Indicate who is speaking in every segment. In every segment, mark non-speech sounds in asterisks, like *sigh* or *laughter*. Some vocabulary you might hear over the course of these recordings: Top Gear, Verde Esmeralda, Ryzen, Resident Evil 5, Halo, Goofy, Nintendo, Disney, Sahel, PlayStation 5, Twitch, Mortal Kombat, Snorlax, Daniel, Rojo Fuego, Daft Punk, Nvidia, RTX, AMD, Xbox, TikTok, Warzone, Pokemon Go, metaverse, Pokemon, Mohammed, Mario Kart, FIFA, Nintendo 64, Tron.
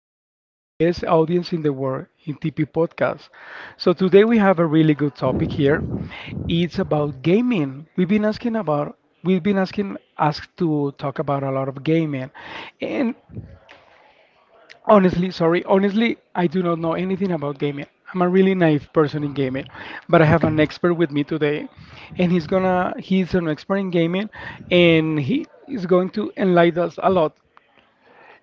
Speaker 1: my f- the best audience in the world in TP podcast. So today we have a really good topic here. It's about gaming. We've been asking about we've been asking asked to talk about a lot of gaming. And honestly, I do not know anything about gaming. I'm a really naive person in gaming, but I have an
Speaker 2: Okay.
Speaker 1: expert with me today, and he's an expert in gaming, and he is going to enlighten us a lot.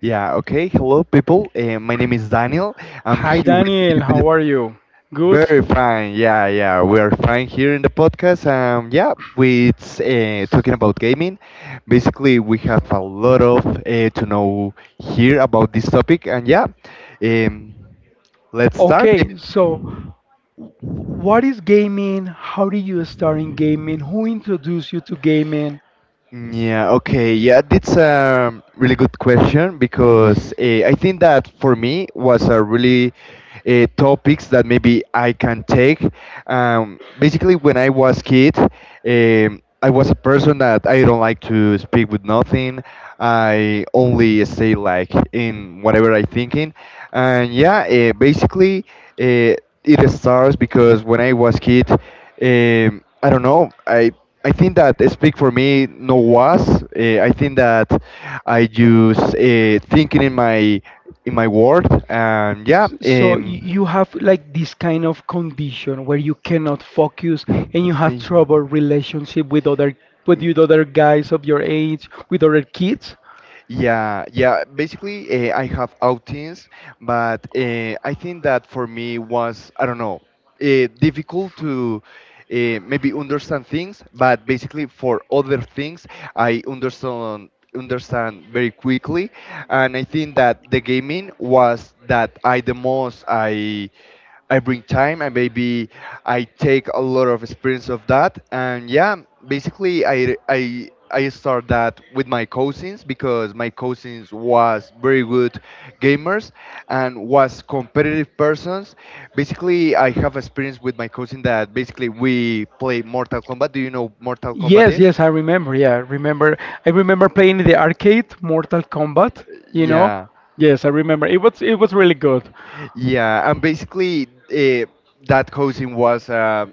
Speaker 2: Yeah, okay. Hello, people. My name is Daniel. I'm
Speaker 1: Hi
Speaker 2: here with
Speaker 1: Daniel,
Speaker 2: David.
Speaker 1: how are you? Good?
Speaker 2: Very fine. Yeah, yeah. We're fine here in the podcast. Yeah, we it's talking about gaming. Basically, we have a lot of to know here about this topic. And yeah, um, let's start,
Speaker 1: Okay, so
Speaker 2: David.
Speaker 1: w- what is gaming? How did you start in gaming? Who introduced you to gaming?
Speaker 2: Yeah, okay. Yeah, that's a really good question because I think that for me was a really topics that maybe I can take. Basically, when I was kid, I was a person that I don't like to speak with nothing. I only say like in whatever I thinking, and yeah, basically uh, it starts because when I was kid, I don't know. I think that speak for me no was. I think that I use thinking in my word. And yeah.
Speaker 1: So you have like this kind of condition where you cannot focus and you have trouble
Speaker 2: Um,
Speaker 1: relationship with other, with you other guys of your age, with other
Speaker 2: eh,
Speaker 1: kids.
Speaker 2: yeah, yeah. Basically, I have outings, but I think that for me was, I don't know, difficult to maybe understand things, but basically for other things, I understand very quickly, and I think that the gaming was that I the most I. I bring time and maybe I take a lot of experience of that. And yeah, basically I start that with my cousins, because my cousins was very good gamers and was competitive persons. Basically, I have experience with my cousin that basically we play Mortal Kombat. Do you know Mortal Kombat is?
Speaker 1: Yes, I remember. I remember playing in the arcade Mortal Kombat, you know?
Speaker 2: Yeah.
Speaker 1: Yeah, yes, I remember. It was really good.
Speaker 2: Yeah, and basically that cousin was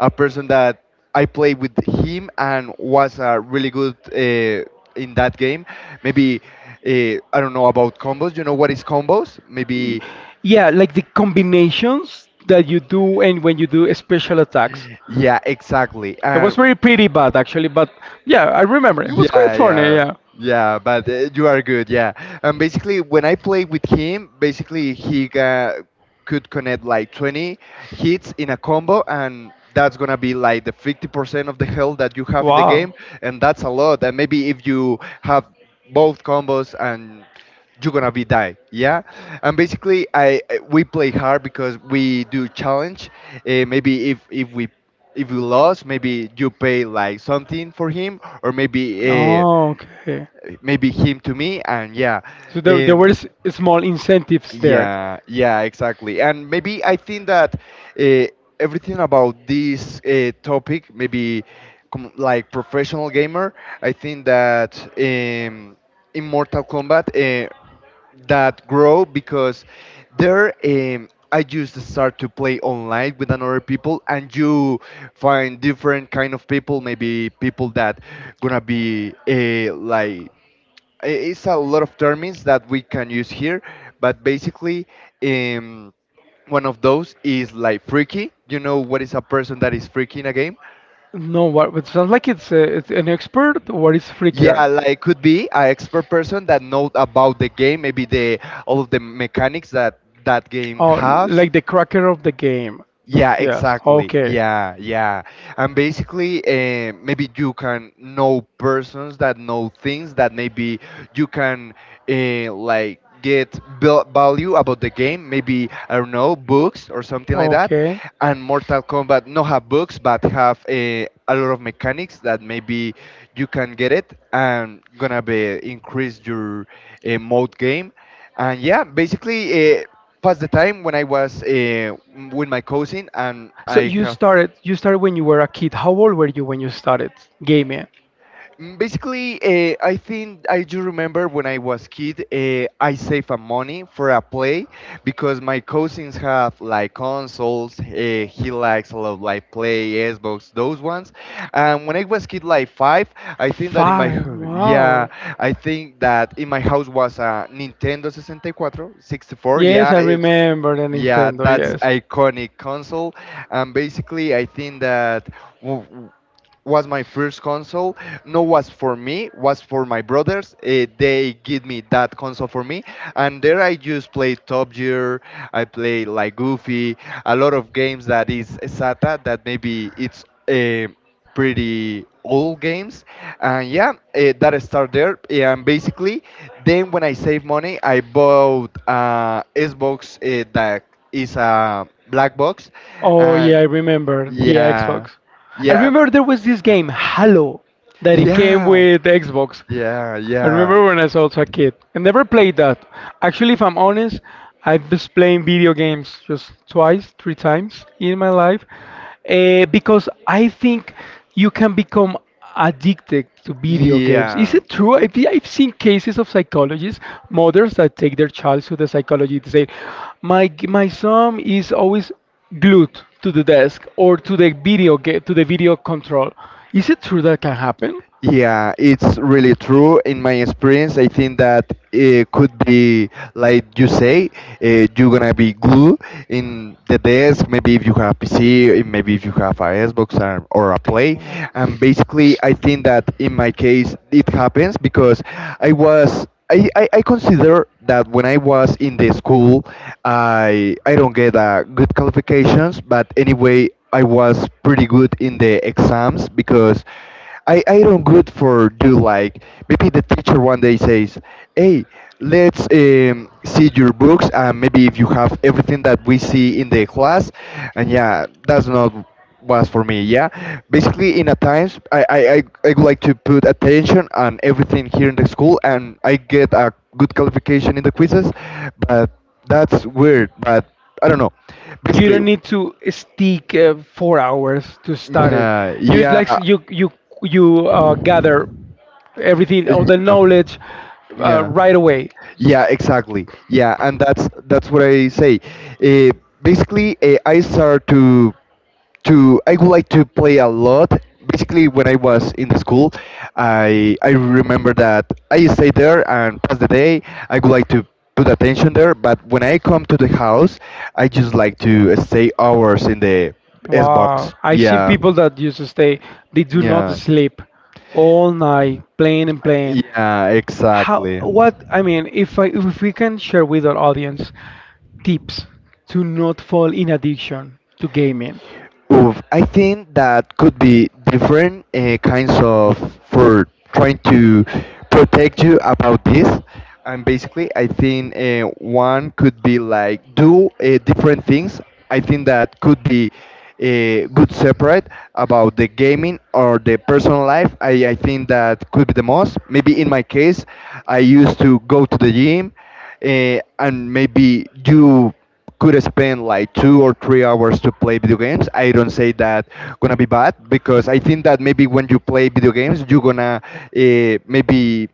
Speaker 2: a person that I played with him and was really good in that game. Maybe uh, I don't know about combos. You know what is combos? Maybe
Speaker 1: Yeah, like the combinations that you do and when you do special attacks.
Speaker 2: Yeah, exactly. And
Speaker 1: Very pretty bad actually, but yeah, I remember. It was quite, yeah,
Speaker 2: yeah,
Speaker 1: funny,
Speaker 2: yeah,
Speaker 1: yeah.
Speaker 2: yeah. But you are good. Yeah. And basically, when I played with him, basically he got, could connect like 20 hits in a combo, and that's gonna be like the 50% of the health that you have in the game, and that's a lot. And maybe if you have both combos and you're gonna be die, yeah. And basically we play hard because we do challenge, maybe if you lost, maybe you pay like something for him, or maybe uh,
Speaker 1: Oh, okay.
Speaker 2: maybe him to me. And yeah,
Speaker 1: So there were
Speaker 2: um,
Speaker 1: small incentives there.
Speaker 2: yeah, yeah, exactly. And maybe I think that uh, everything about this topic, maybe com like professional gamer, I think that in Mortal Kombat, that grow because there, I just start to play online with another people, and you find different kind of people, maybe people that gonna be a like it's a lot of terms that we can use here, but basically, um, one of those is like freaky. You know what is a person that is freaky in a game?
Speaker 1: No, what it sounds like it's a, it's an expert or it's freaker.
Speaker 2: Yeah, like could be an expert person that know about the game, maybe the all of the mechanics that that game
Speaker 1: Oh,
Speaker 2: has.
Speaker 1: like the cracker of the game.
Speaker 2: Yeah,
Speaker 1: Yes.
Speaker 2: exactly.
Speaker 1: Okay.
Speaker 2: Yeah, yeah. And basically, maybe you can know persons that know things that maybe you can, like, get value about the game. Maybe I don't know, books or something like that.
Speaker 1: Okay.
Speaker 2: And Mortal Kombat not have books, but have a lot of mechanics that maybe you can get it and gonna be increase your mode game. And yeah, basically. Pass the time when I was with my cousin, and
Speaker 1: So
Speaker 2: I
Speaker 1: you
Speaker 2: have
Speaker 1: started you started when you were a kid. How old were you when you started gaming?
Speaker 2: Basically, I think I do remember when I was kid. I saved a money for a play because my cousins have like consoles. He likes a lot of like play Xbox, those ones. And when I was kid, like five, I think that in my
Speaker 1: Five.
Speaker 2: *laughs* yeah,
Speaker 1: Wow.
Speaker 2: I think that in my house was a Nintendo 64, 64.
Speaker 1: Yes,
Speaker 2: Yeah,
Speaker 1: I
Speaker 2: it's
Speaker 1: remember the
Speaker 2: yeah,
Speaker 1: Nintendo.
Speaker 2: that's
Speaker 1: Yes.
Speaker 2: iconic console. And basically, I think that was my first console. No was for me, was for my brothers. They give me that console for me, and there I just play Top Gear. I play like Goofy, a lot of games that is SATA, that maybe it's pretty old games. And yeah, that start there. Yeah, and basically, then when I save money, I bought Xbox, that is a black box.
Speaker 1: Oh
Speaker 2: Uh,
Speaker 1: yeah, I remember the
Speaker 2: yeah.
Speaker 1: Xbox. I
Speaker 2: Yeah.
Speaker 1: remember there was this game, Halo, that it came
Speaker 2: Yeah.
Speaker 1: with the Xbox.
Speaker 2: Yeah.
Speaker 1: I
Speaker 2: Yeah.
Speaker 1: remember when I was also a kid. I never played that. Actually, if I'm honest, I've just playing video games just twice, three times in my life, because I think you can become addicted to video games. Is
Speaker 2: Yeah.
Speaker 1: it true? I've seen cases of psychologists, mothers that take their child to the psychologist to say, my son is always glued to the desk or to the video game, to the video control. Is it true that can happen?
Speaker 2: Yeah, it's really true. In my experience, I think that it could be like you say, you're gonna be glue in the desk. Maybe if you have PC, maybe if you have a Xbox, or a Play.
Speaker 1: Damn.
Speaker 2: And basically, I think that in my case, it happens because I was. I consider that when I was in the school, I don't get good qualifications, but anyway, I was pretty good in the exams because I don't good for do like, maybe the teacher one day says, hey, let's see your books and maybe if you have everything that we see in the class. And yeah, that's not was for me, yeah. Basically, in a times, I would like to put attention on everything here in the school, and I get a good qualification in the quizzes, but that's weird, but I don't know.
Speaker 1: You
Speaker 2: Basically,
Speaker 1: don't need to stick 4 hours to start it.
Speaker 2: yeah,
Speaker 1: You
Speaker 2: yeah,
Speaker 1: like you
Speaker 2: uh,
Speaker 1: gather everything or the knowledge
Speaker 2: yeah,
Speaker 1: right
Speaker 2: yeah,
Speaker 1: away.
Speaker 2: yeah, exactly. Yeah, and that's what I say. Uh, basically, I start to I would like to play a lot. Basically, when I was in the school, I remember that I stay there and pass the day. I would like to put attention there, but when I come to the house, I just like to stay hours in the Xbox.
Speaker 1: Wow, I've seen
Speaker 2: Yeah,
Speaker 1: people that used to stay, they do not
Speaker 2: yeah,
Speaker 1: sleep all night playing and playing.
Speaker 2: yeah,
Speaker 1: How,
Speaker 2: exactly.
Speaker 1: what, I mean, if we can share with our audience tips to not fall in addiction to gaming.
Speaker 2: Oof, I think that could be different kinds of, for trying to protect you about this. And basically, I think one could be like do different things. I think that could be good separate about the gaming or the personal life. I think that could be the most. Maybe in my case, I used to go to the gym and maybe do, could spend like 2 or 3 hours to play video games. I don't say that gonna be bad, because I think that maybe when you play video games, you're gonna maybe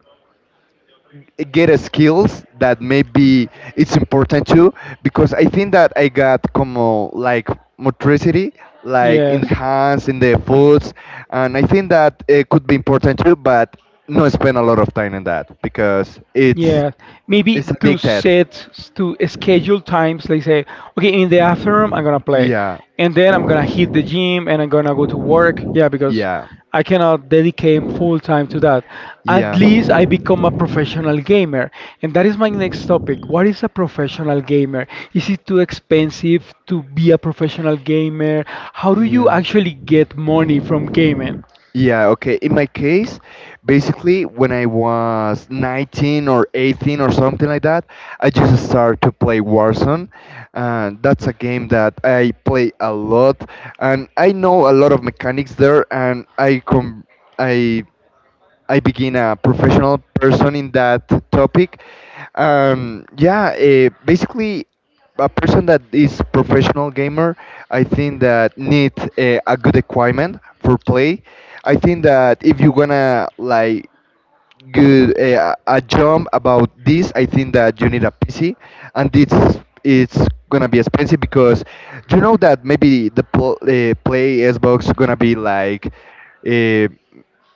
Speaker 2: get a skills that maybe it's important too, because I think that I got como like motricity, like in
Speaker 1: Yes.
Speaker 2: the hands, in the foods, and I think that it could be important too, but not spend a lot of time in that, because
Speaker 1: Yeah, maybe
Speaker 2: it's
Speaker 1: to
Speaker 2: addicted.
Speaker 1: set to schedule times. Like say, okay, in the afternoon I'm gonna play, yeah,
Speaker 2: Yeah,
Speaker 1: and then I'm gonna hit the gym and I'm gonna go to work. Yeah, because
Speaker 2: yeah,
Speaker 1: yeah, I cannot dedicate full time to that. At
Speaker 2: yeah.
Speaker 1: least I become a professional gamer, and that is my next topic. What is a professional gamer? Is it too expensive to be a professional gamer? How do you
Speaker 2: Yeah.
Speaker 1: actually get money from gaming?
Speaker 2: Yeah, okay. In my case, basically, when I was 19 or 18 or something like that, I just started to play Warzone. And that's a game that I play a lot, and I know a lot of mechanics there, and I com I I begin a professional person in that topic. Yeah, basically, a person that is professional gamer, I think that need a good equipment for play. I think that if you're gonna like good, a jump about this, I think that you need a PC, and it's it's gonna be expensive because you know that maybe the play Xbox gonna be like, uh,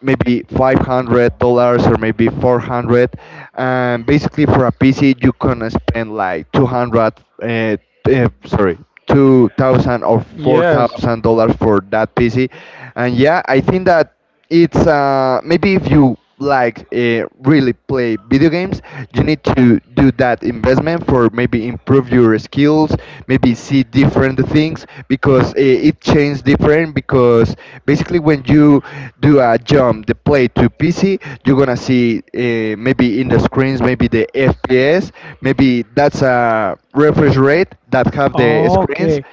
Speaker 2: maybe $500 or maybe 400, and basically for a PC you can spend like 200, uh, sorry, 2000 or
Speaker 1: Yes.
Speaker 2: $4,000
Speaker 1: Four.
Speaker 2: for that PC. And yeah, I think that it's, maybe if you like really play video games, you need to do that investment for maybe improve your skills, maybe see different things, because it changes different, because basically when you do a jump the play to PC, you're gonna see, maybe in the screens, maybe the FPS, maybe that's a refresh rate that have the screens.
Speaker 1: Okay.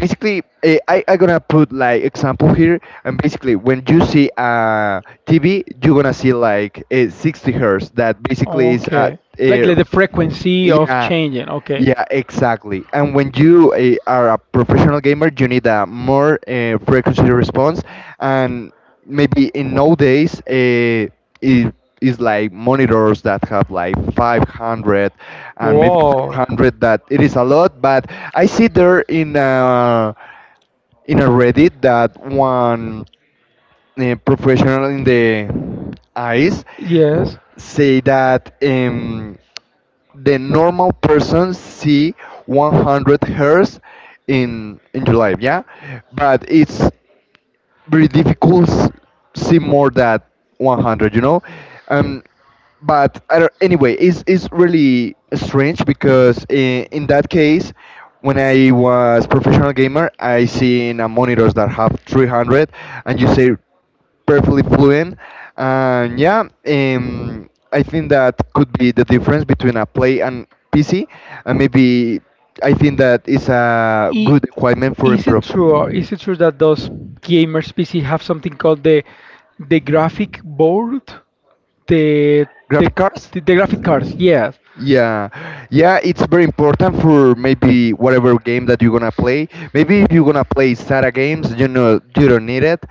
Speaker 2: Basically, I gonna put like example here, and basically when you see TV, you gonna see like a 60 hertz. That basically is a
Speaker 1: Okay.
Speaker 2: uh,
Speaker 1: Like the frequency of
Speaker 2: yeah.
Speaker 1: changing. Okay.
Speaker 2: Yeah, exactly. And when you are a professional gamer, you need a more frequency response. And maybe in nowadays, is like monitors that have like 500 and maybe
Speaker 1: Whoa.
Speaker 2: 400, that it is a lot, but I see there in a Reddit that one professional in the eyes
Speaker 1: Yes. I-
Speaker 2: say that the normal person see 100 hertz in your life, yeah, but it's very difficult see more than 100. um but I don't, anyway it's really strange because in that case when I was professional gamer I seen monitors that have 300 and you say perfectly fluent. And yeah, I think that could be the difference between a play and PC. And maybe I think that is a good equipment for
Speaker 1: Is it
Speaker 2: improve
Speaker 1: true or is it true that those gamers PC have something called the graphic board? The the
Speaker 2: graphic cards.
Speaker 1: the graphic cards, yes.
Speaker 2: Yeah, yeah, it's very important for maybe whatever game that you're gonna play. Maybe if you're gonna play sata games, you know, you don't need it.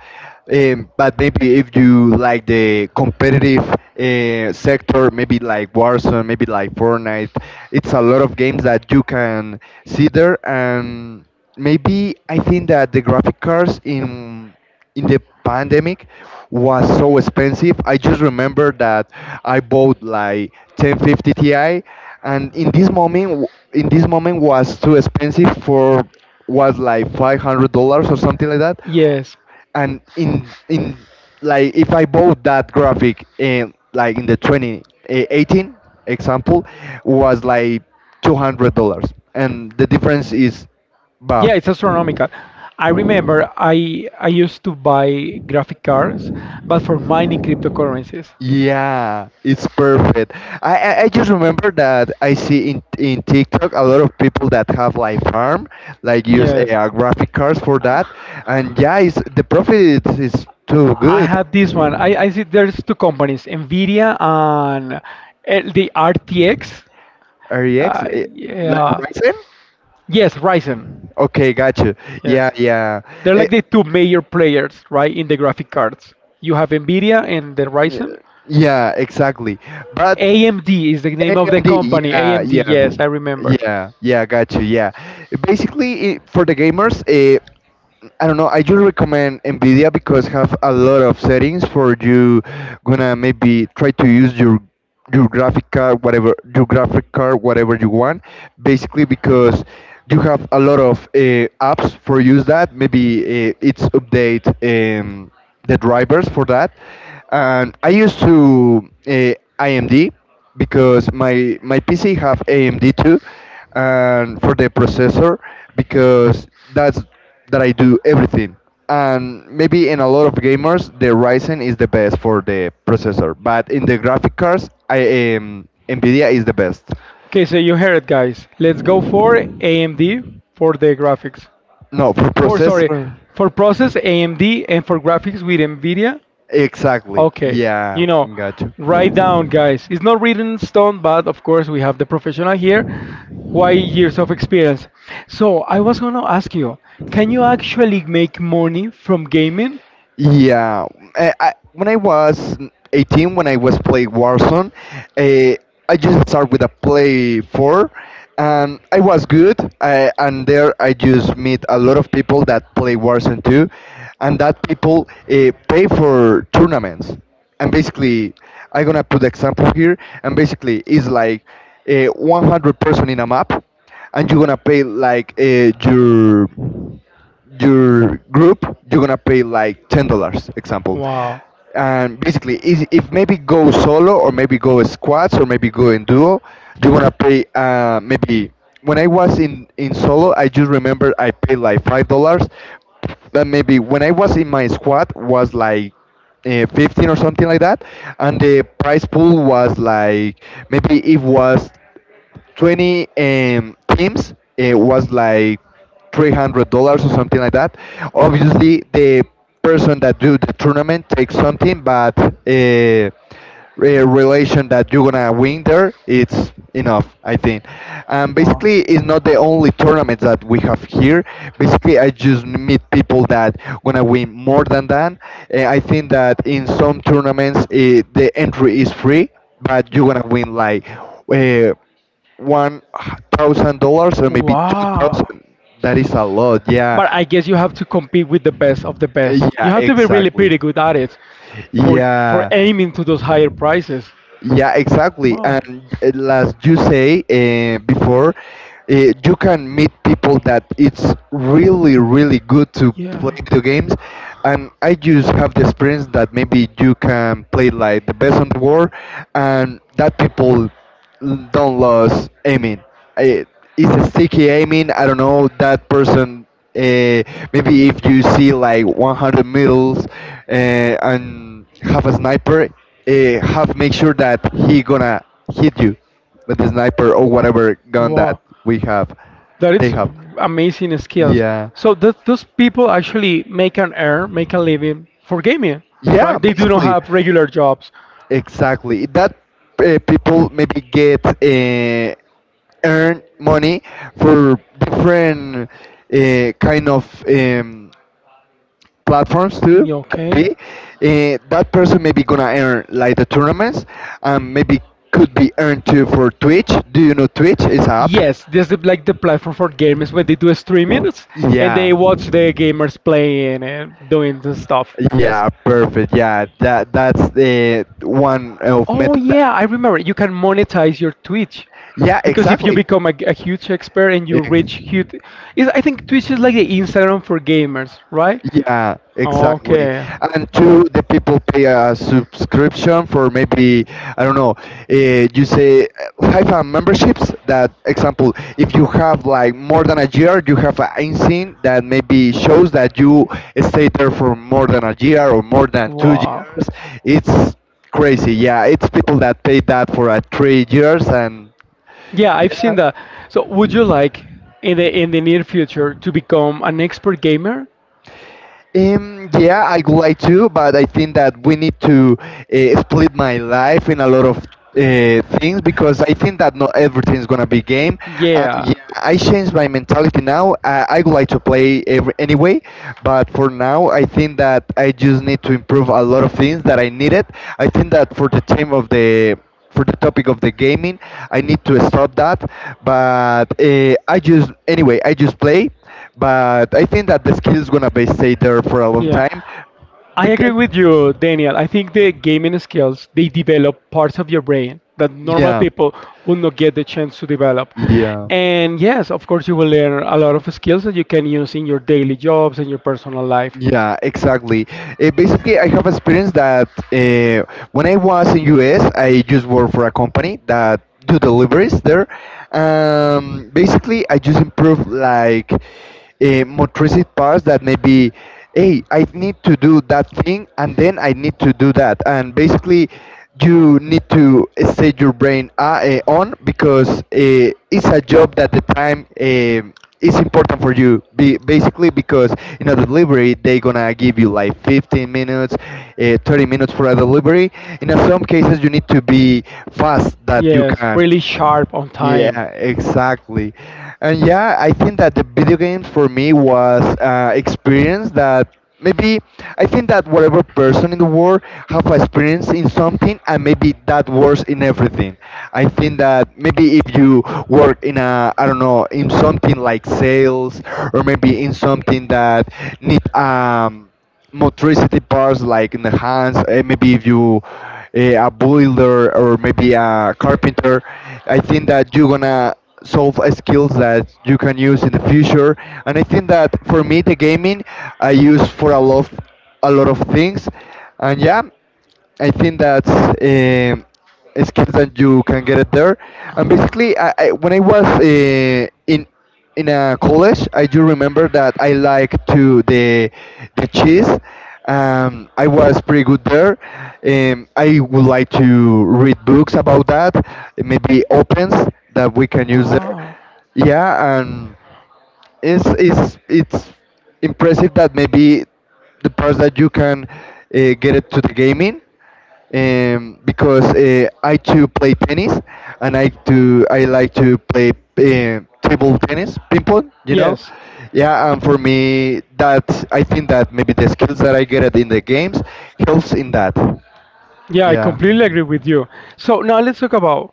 Speaker 2: But maybe if you like the competitive sector, maybe like Warzone, maybe like Fortnite, it's a lot of games that you can see there. And maybe I think that the graphic cards in the pandemic was so expensive. I just remember that I bought like 1050 Ti, and in this moment, in this moment was too expensive for, was like $500 or something like that.
Speaker 1: Yes.
Speaker 2: And in like if I bought that graphic in like in the 2018, example, was like $200, and the difference is buff.
Speaker 1: It's astronomical. I remember I used to buy graphic cards, but for mining cryptocurrencies.
Speaker 2: Yeah, it's perfect. I just remember that I see in TikTok a lot of people that have like farm, like use graphic cards for that, and yeah, it's, the profit is, too
Speaker 1: I
Speaker 2: good.
Speaker 1: have this one. I see there's two companies, Nvidia and the RTX.
Speaker 2: REX,
Speaker 1: Uh,
Speaker 2: like
Speaker 1: yeah.
Speaker 2: Ryzen?
Speaker 1: Yes, Ryzen.
Speaker 2: Okay, got you. Yeah,
Speaker 1: Yes.
Speaker 2: yeah.
Speaker 1: They're like
Speaker 2: It,
Speaker 1: the two major players, right, in the graphic cards. You have Nvidia and then
Speaker 2: yeah,
Speaker 1: Ryzen.
Speaker 2: yeah, exactly. But
Speaker 1: AMD is the name of the
Speaker 2: AMD,
Speaker 1: company.
Speaker 2: yeah, yeah,
Speaker 1: AMD, yes, I remember.
Speaker 2: yeah, yeah, got you. Yeah, basically it, for the gamers. I don't know. I just recommend Nvidia because have a lot of settings for you gonna maybe try to use your graphic card, whatever your graphic card, whatever you want. Basically, because you have a lot of apps for use that. Maybe it's update the drivers for that. And I used to IMD because my PC have AMD too, and for the processor because that's that I do everything. And maybe in a lot of gamers, the Ryzen is the best for the processor, but in the graphic cards, I Nvidia is the best.
Speaker 1: Okay, so you heard it, guys. Let's go for AMD for the graphics.
Speaker 2: No, for
Speaker 1: For sorry,
Speaker 2: processor.
Speaker 1: for process AMD and for graphics with Nvidia.
Speaker 2: Exactly.
Speaker 1: Okay,
Speaker 2: Yeah,
Speaker 1: you know,
Speaker 2: gotcha.
Speaker 1: write down, guys. It's not written in stone, but of course we have the professional here. Why years of experience? So I was gonna ask you, can you actually make money from gaming?
Speaker 2: Yeah, when I was 18, when I was playing Warzone, uh, I just started with a play four, and I was good. I, and there I just meet a lot of people that play Warzone too, and that people pay for tournaments. And basically, I'm gonna put the example here. And basically, it's like 100 person in a map, and you're gonna pay like your group, you're gonna pay like $10, example.
Speaker 1: Wow.
Speaker 2: And basically, if maybe go solo or maybe go squats or maybe go in duo, you're gonna pay maybe. When I was in solo, I just remember I paid like $5. But maybe when I was in my squad was like 15 or something like that, and the price pool was like, maybe it was 20 teams, it was like $300 or something like that. Obviously the person that do the tournament takes something, but relation that you're gonna win there, it's enough I think. Basically it's not the only tournament that we have here. Basically I just meet people that gonna win more than that. I think that in some tournaments, the entry is free, but you're gonna win like uh, one thousand
Speaker 1: 2,000.
Speaker 2: dollars or maybe two
Speaker 1: Wow.
Speaker 2: thousand. That is a lot. Yeah,
Speaker 1: But I guess you have to compete with the best of the best. To be
Speaker 2: yeah,
Speaker 1: really, exactly,
Speaker 2: exactly.
Speaker 1: pretty good at it for for
Speaker 2: Yeah,
Speaker 1: aiming to those higher prices.
Speaker 2: yeah, exactly. And as you say before, you can meet people that it's really, really good to play video games. And I just have the experience that maybe you can play like the best in the world, and that people don't lose aiming. I, it's a sticky aiming. I don't know that person. Uh, Maybe if you see like 100 meters and have a sniper, uh, have make sure that he gonna hit you with the sniper or whatever gun
Speaker 1: Wow.
Speaker 2: that
Speaker 1: With.
Speaker 2: we have.
Speaker 1: That
Speaker 2: They
Speaker 1: is
Speaker 2: have.
Speaker 1: amazing skills.
Speaker 2: Yeah.
Speaker 1: So th those people actually make an earn, make a living for gaming,
Speaker 2: Yeah,
Speaker 1: right? They do not
Speaker 2: basically,
Speaker 1: have regular jobs.
Speaker 2: exactly. That people maybe get earn money for different kind of platforms too.
Speaker 1: Yeah,
Speaker 2: Could be
Speaker 1: okay.
Speaker 2: that person maybe gonna earn like the tournaments, and maybe could be earned too for Twitch. Do you know Twitch is a app?
Speaker 1: Yes, this is like the platform for gamers where they do streamings and they
Speaker 2: Yeah.
Speaker 1: watch the gamers playing and doing the stuff. Yes.
Speaker 2: Yeah, perfect. Yeah, that that's the one of
Speaker 1: Oh
Speaker 2: method.
Speaker 1: yeah, I remember. You can monetize your Twitch
Speaker 2: Yeah,
Speaker 1: because if you
Speaker 2: exactly.
Speaker 1: become a, a huge expert and
Speaker 2: Eh,
Speaker 1: you reach huge, is I think Twitch is like the Instagram for gamers, right?
Speaker 2: Yeah, exactly.
Speaker 1: Okay.
Speaker 2: And two,
Speaker 1: Oh.
Speaker 2: the people pay a subscription for maybe, I don't know, you say FIFA memberships. That example, if you have like more than a year, you have an insign that maybe shows that you stay there for more than a year or more than two
Speaker 1: Wow.
Speaker 2: years. It's crazy. Yeah, it's people that pay that for 3 years and
Speaker 1: Yeah, I've seen
Speaker 2: yeah.
Speaker 1: that. So, would you like in the near future to become an expert gamer?
Speaker 2: Yeah, I would like to, but I think that we need to split my life in a lot of things because I think that not everything is gonna be game. And
Speaker 1: Yeah.
Speaker 2: yeah, I changed my mentality now. I would like to play every, anyway, but for now, I think that I just need to improve a lot of things that I needed. I think that for the team of the, for the topic of the gaming, I need to stop that. But I just anyway, I just play. But I think that the skill is gonna be stay there for a long
Speaker 1: Yeah,
Speaker 2: time
Speaker 1: I agree
Speaker 2: because
Speaker 1: with you, Daniel. I think the gaming skills they develop parts of your brain that normal
Speaker 2: yeah,
Speaker 1: people would not get the chance to develop.
Speaker 2: yeah.
Speaker 1: And yes, of course, you will learn a lot of skills that you can use in your daily jobs and your personal life.
Speaker 2: Yeah, exactly. Basically, I have experienced that when I was in US, I just worked for a company that do deliveries there. Basically, I just improve like motricity parts that maybe, hey, I need to do that thing, and then I need to do that. And basically, you need to set your brain on because it's a job that the time. Is important for you be, basically because in a delivery they gonna give you like 15 minutes, 30 minutes for a delivery. In some cases you need to be fast that you can,
Speaker 1: Sharp on time.
Speaker 2: yeah, exactly. And yeah, I think that the video games for me was experience that maybe, I think that whatever person in the world have experience in something, and maybe that works in everything. I think that maybe if you work in a, I don't know, in something like sales, or maybe in something that need motricity parts like in the hands, maybe if you a builder or maybe a carpenter, I think that you're gonna solve skills that you can use in the future. And I think that for me the gaming I use for a lot, a lot of things. And yeah, I think that's skills that you can get it there. And basically, I when I was in a college, I do remember that I like to the cheese. I was pretty good there. I would like to read books about that, maybe opens that we can use there. Yeah, and it's impressive that maybe the parts that you can get it to the gaming, because I too play tennis and I like to play table tennis, ping pong, you know.
Speaker 1: Yes.
Speaker 2: Yeah, and for me that I think that maybe the skills that I get it in the games helps in that.
Speaker 1: Yeah, I
Speaker 2: Yeah,
Speaker 1: completely agree with you. So now let's talk about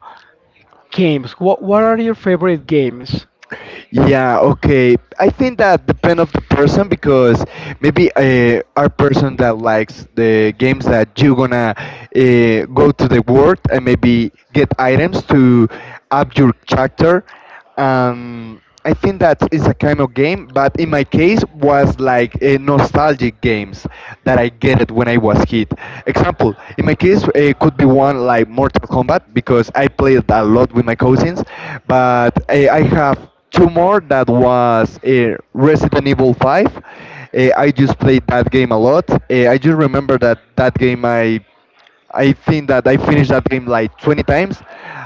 Speaker 1: games. What are your favorite games?
Speaker 2: yeah, okay. I think that depend of the person because maybe our person that likes the games that you gonna go to the world and maybe get items to up your character. I think that is a kind of game, but in my case was like nostalgic games that I get it when I was kid. Example, in my case it could be one like Mortal Kombat because I played a lot with my cousins, but I have two more that was Resident Evil 5. I just played that game a lot. I just remember that that game I think that I finished that game like 20 times.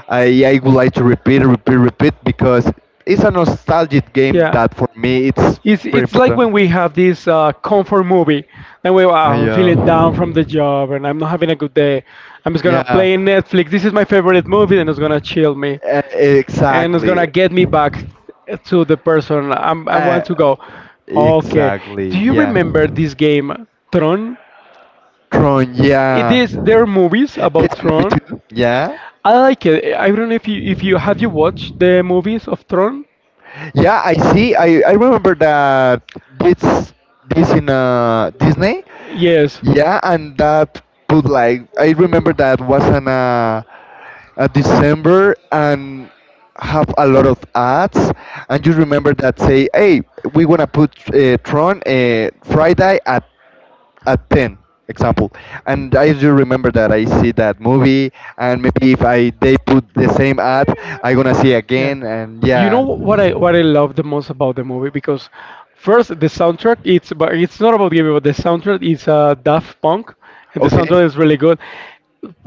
Speaker 2: I would like to repeat, repeat, repeat because it's a nostalgic game that for me it's
Speaker 1: It's
Speaker 2: very
Speaker 1: like
Speaker 2: important.
Speaker 1: when we have this comfort movie, and we wow, I'm feeling down from the
Speaker 2: Yeah.
Speaker 1: job, and I'm not having a good day. I'm just gonna
Speaker 2: Yeah.
Speaker 1: play Netflix. This is my favorite movie, and it's gonna chill me, and it's
Speaker 2: Exactly.
Speaker 1: gonna get me back to the person I
Speaker 2: Uh,
Speaker 1: want to go. Okay,
Speaker 2: exactly.
Speaker 1: do you
Speaker 2: Yeah.
Speaker 1: remember this game Tron?
Speaker 2: Tron,
Speaker 1: It
Speaker 2: yeah.
Speaker 1: is, there are movies
Speaker 2: There's
Speaker 1: about
Speaker 2: a movie
Speaker 1: Tron.
Speaker 2: too. Yeah.
Speaker 1: I like it. I don't know if you have you watched the movies of Tron.
Speaker 2: Yeah, I see. I remember that this this in Disney.
Speaker 1: Yes.
Speaker 2: Yeah, and that put like, I remember that was on a December and have a lot of ads. And you remember that say, hey, we wanna put Tron Friday at 10, example. And I do remember that I see that movie, and maybe if I, they put the same ad, I gonna see
Speaker 1: Yeah.
Speaker 2: again. And
Speaker 1: Yeah, you know
Speaker 2: yeah,
Speaker 1: what I love the most about the movie, because first the soundtrack it's, but it's not about the movie but the soundtrack is Daft Punk and the
Speaker 2: okay,
Speaker 1: soundtrack is really good.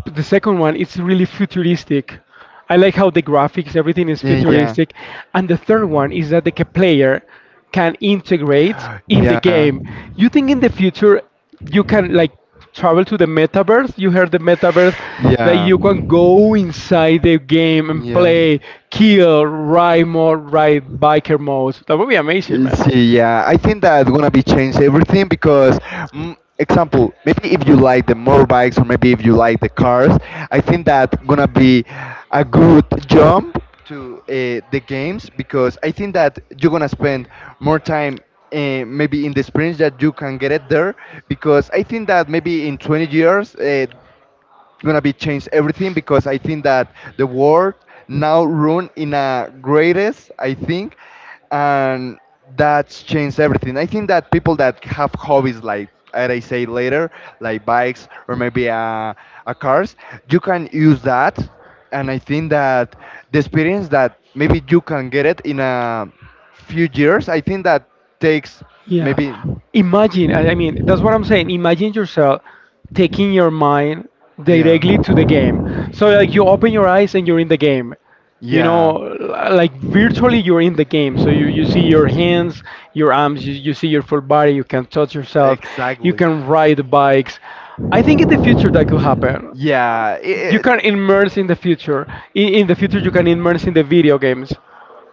Speaker 1: The second one it's really futuristic. I like how the graphics everything is
Speaker 2: yeah,
Speaker 1: futuristic, and the third one is that the player can integrate
Speaker 2: yeah,
Speaker 1: in the,
Speaker 2: yeah.
Speaker 1: yeah, game. You think in the future you can like travel to the metaverse. You heard the metaverse, like
Speaker 2: Yeah,
Speaker 1: you can go inside the game and
Speaker 2: yeah.
Speaker 1: play, kill, ride more, ride biker modes. That would be amazing, man.
Speaker 2: See, yeah, I think that's gonna be change everything because, mm, example, maybe if you like the motorbikes or maybe if you like the cars, I think that gonna be a good jump to the games because I think that you're gonna spend more time maybe in the experience that you can get it there because I think that maybe in 20 years. Gonna be changed everything because I think that the world now run in a greatest I think, and that's changed everything. I think that people that have hobbies, like as I say later, like bikes or maybe a cars, you can use that. And I think that the experience that maybe you can get it in a few years, I think that takes
Speaker 1: Yeah.
Speaker 2: maybe.
Speaker 1: Imagine, I mean, that's what I'm saying. Imagine yourself taking your mind
Speaker 2: Yeah.
Speaker 1: directly to the game. So, like, you open your eyes and you're in the game. You know,
Speaker 2: Yeah.
Speaker 1: like, virtually you're in the game. So, you see your hands, your arms, you see your full body, you can touch yourself, you
Speaker 2: Exactly.
Speaker 1: can ride bikes. I think in the future that could happen.
Speaker 2: Yeah,
Speaker 1: You
Speaker 2: it,
Speaker 1: can immerse in the future. In the future, you can immerse in the video games.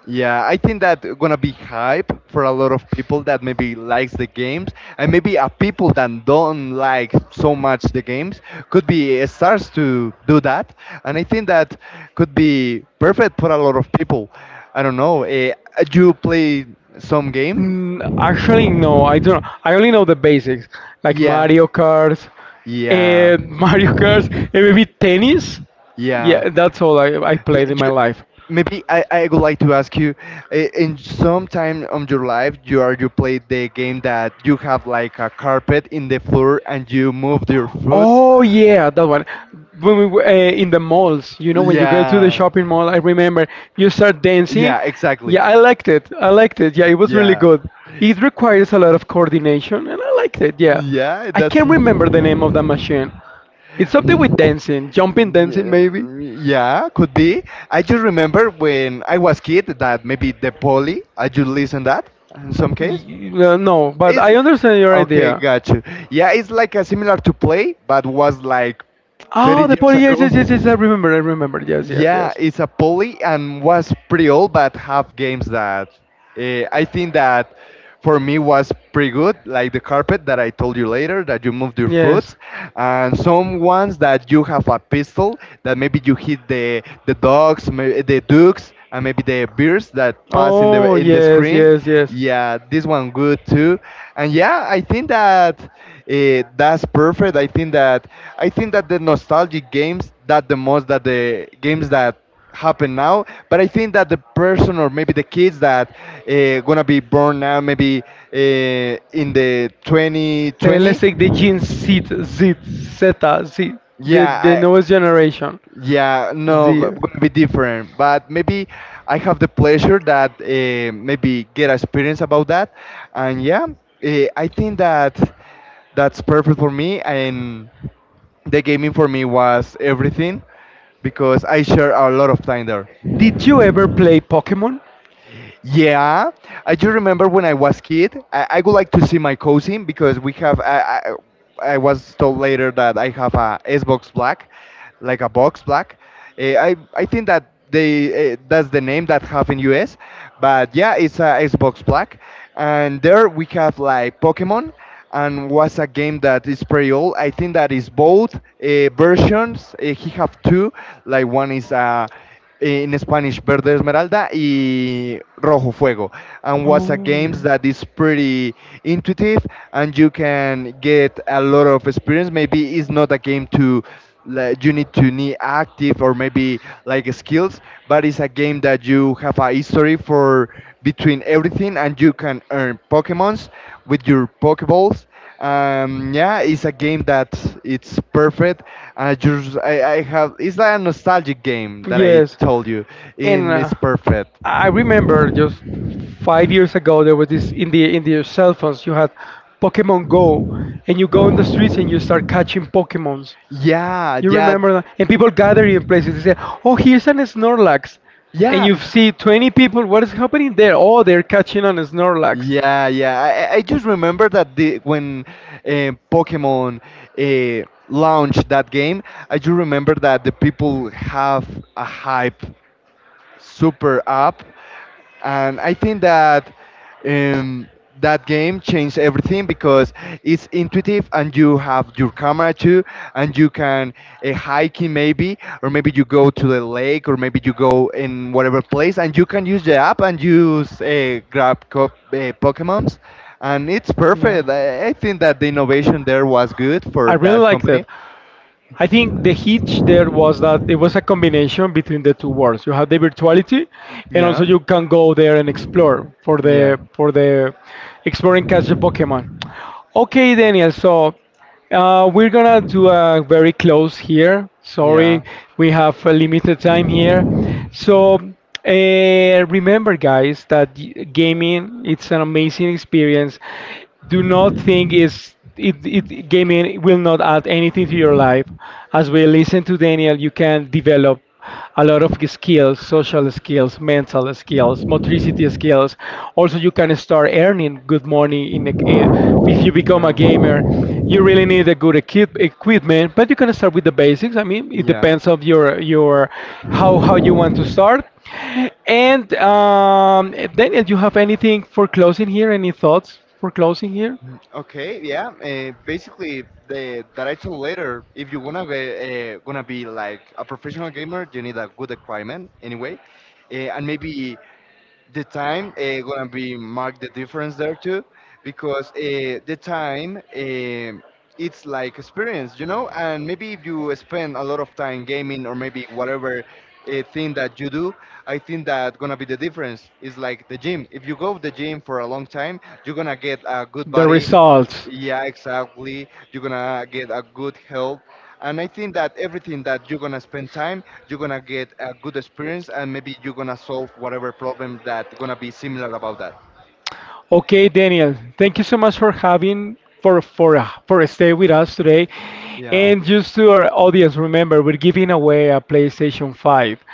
Speaker 2: yeah. I think that gonna be hype for a lot of people that maybe likes the games, and maybe a people that don't like so much the games could be starts to do that, and I think that could be perfect for a lot of people. I don't know. You play some game?
Speaker 1: Mm, actually, no, I don't. I only know the basics, like, yeah,
Speaker 2: Yeah.
Speaker 1: Mario Kart,
Speaker 2: Yeah.
Speaker 1: and *laughs* Mario Kart, and maybe tennis.
Speaker 2: Yeah.
Speaker 1: Yeah, that's all I
Speaker 2: D-
Speaker 1: played in my
Speaker 2: you-
Speaker 1: life.
Speaker 2: Maybe I would like to ask you, in some time of your life you are you played the game that you have like a carpet in the floor and you move your foot.
Speaker 1: Oh yeah, that one. When we were, in the malls, you know, when you go to the
Speaker 2: Yeah,
Speaker 1: shopping mall, I remember you start dancing.
Speaker 2: yeah, exactly.
Speaker 1: Yeah, I liked it. Yeah, it was really
Speaker 2: Yeah,
Speaker 1: good. It requires a lot of coordination, and I liked it. Yeah,
Speaker 2: yeah,
Speaker 1: I
Speaker 2: that's *laughs*
Speaker 1: can't remember the name of the machine. It's something with
Speaker 2: mm,
Speaker 1: dancing, jumping dancing
Speaker 2: yeah,
Speaker 1: maybe.
Speaker 2: yeah, could be. I just remember when I was kid that maybe the poly, I just listen that in some case.
Speaker 1: No, but
Speaker 2: It's
Speaker 1: I understand your
Speaker 2: okay,
Speaker 1: idea.
Speaker 2: got you. Yeah, it's like a similar to play, but was like 30
Speaker 1: Oh, the
Speaker 2: years
Speaker 1: poly. Yes,
Speaker 2: ago.
Speaker 1: yes, yes, yes. I remember. Yes,
Speaker 2: Yeah,
Speaker 1: yes.
Speaker 2: it's a poly and was pretty old, but have games that I think that for me was pretty good, like the carpet that I told you later that you moved your
Speaker 1: Yes.
Speaker 2: foot, and some ones that you have a pistol that maybe you hit the dogs, the ducks, and maybe the
Speaker 1: Saw.
Speaker 2: bears that pass in
Speaker 1: Oh,
Speaker 2: the
Speaker 1: yes,
Speaker 2: screen.
Speaker 1: yes, yes.
Speaker 2: Yeah, this one good too, and yeah, I think that that's perfect. I think that the nostalgic games that the most that the games that happen now, but I think that the person or maybe the kids that gonna be born now maybe uh, in the 2020.
Speaker 1: Let's take the Gen Z, Zeta, Z, the,
Speaker 2: Yeah,
Speaker 1: yeah, the
Speaker 2: I,
Speaker 1: newest generation.
Speaker 2: yeah, no gonna be different, but maybe I have the pleasure that maybe get experience about that. And yeah, I think that that's perfect for me, and the gaming for me was everything because I share a lot of time there.
Speaker 1: Did you ever play Pokemon?
Speaker 2: Yeah, I do remember when I was kid. I would like to see my cousin because we have. I was told later that I have a Xbox Black, like a box black. I think that they that's the name that have in US, but yeah, it's a Xbox Black, and there we have like Pokemon, and was a game that is pretty old. I think that is both versions. He have two, like one is a in Spanish Verde Esmeralda y Rojo Fuego. And was a game that is pretty intuitive and you can get a lot of experience. Maybe it's not a game to, like, you need to need active or maybe like skills, but it's a game that you have a history for between everything, and you can earn Pokemons with your Pokeballs. Yeah, it's a game that it's perfect. I have it's like a nostalgic game that I
Speaker 1: Yes.
Speaker 2: told you,
Speaker 1: And
Speaker 2: and it's perfect.
Speaker 1: I remember just 5 years ago there was this in the cell phones you had Pokemon Go, and you go in the streets and you start catching Pokemons.
Speaker 2: Yeah,
Speaker 1: You
Speaker 2: yeah,
Speaker 1: remember that? And people gather in places. They say, "Oh, here's an Snorlax," and you
Speaker 2: yeah.
Speaker 1: see 20 people. What is happening there? Oh, they're catching an Snorlax.
Speaker 2: Yeah, yeah. I just remember that the when Pokemon launched that game, I just remember that the people have a hype super app. And I think that um, that game changed everything because it's intuitive and you have your camera too, and you can hiking maybe, or maybe you go to the lake, or maybe you go in whatever place, and you can use the app and use Pokemons, and it's
Speaker 1: Yeah.
Speaker 2: perfect. I think that the innovation there was good
Speaker 1: I for
Speaker 2: for
Speaker 1: really
Speaker 2: that
Speaker 1: liked it.
Speaker 2: company. I
Speaker 1: I
Speaker 2: think
Speaker 1: think the
Speaker 2: the heat there
Speaker 1: hitch there was
Speaker 2: was
Speaker 1: that
Speaker 2: a,
Speaker 1: it
Speaker 2: it was
Speaker 1: was a
Speaker 2: a combination of
Speaker 1: combination between the
Speaker 2: different forces,
Speaker 1: two
Speaker 2: and
Speaker 1: worlds. You have the
Speaker 2: different
Speaker 1: virtuality,
Speaker 2: quality.
Speaker 1: and
Speaker 2: Yeah,
Speaker 1: also
Speaker 2: it can
Speaker 1: you can go there and
Speaker 2: go even slower.
Speaker 1: explore for
Speaker 2: Yeah,
Speaker 1: the explore and catch the Pokemon. Okay, Daniel. So we're gonna do a very close here.
Speaker 2: yeah,
Speaker 1: Sorry, we have a limited time here. So remember, guys, that gaming it's an amazing experience. Do not think is it, it gaming will not add anything to your life. As we listen to Daniel, you can develop a lot of skills, social skills, mental skills, motricity skills. Also, you can start earning good money in if you become a
Speaker 2: yeah,
Speaker 1: gamer. You really need a good equipment, but you can start with the basics. I mean, it
Speaker 2: yeah.
Speaker 1: depends of your how you want to start. And Daniel, you have anything for closing here? Any thoughts for closing here?
Speaker 2: Mm, okay, yeah. Basically, the that I told later, if you wanna be gonna be like a professional gamer, you need a good equipment anyway. And maybe the time gonna be mark the difference there too, because the time it's like experience, you know, and maybe if you spend a lot of time gaming or maybe whatever thing that you do, I think that gonna be the difference. Is like the gym, if you go to the gym for a long time, you're gonna get a good body.
Speaker 1: Results.
Speaker 2: Yeah, exactly. You're gonna get a good health. And I think that everything that you're gonna spend time you're gonna get a good experience, and maybe you're gonna solve whatever problem that gonna be similar about that.
Speaker 1: Okay, Daniel, thank you so much for having for stay with us today.
Speaker 2: Yeah,
Speaker 1: And just to our audience, remember we're giving away a PlayStation 5.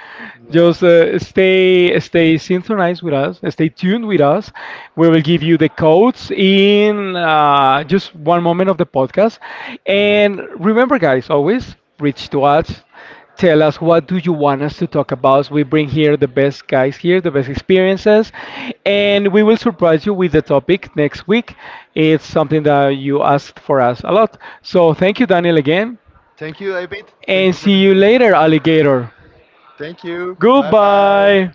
Speaker 2: yeah.
Speaker 1: Just stay synchronized with us, stay tuned with us. We will give you the codes in just one moment of the podcast. And remember, guys, always reach to us. Tell us what do you want us to talk about. We bring here the best guys here, the best experiences, and we will surprise you with the topic next week. It's something that you asked for us a lot. So thank you, Daniel, again,
Speaker 2: Thank you, David. Thank
Speaker 1: and
Speaker 2: you for
Speaker 1: see
Speaker 2: the
Speaker 1: you
Speaker 2: invitation.
Speaker 1: later, alligator.
Speaker 2: Thank you, bye bye.
Speaker 1: Goodbye.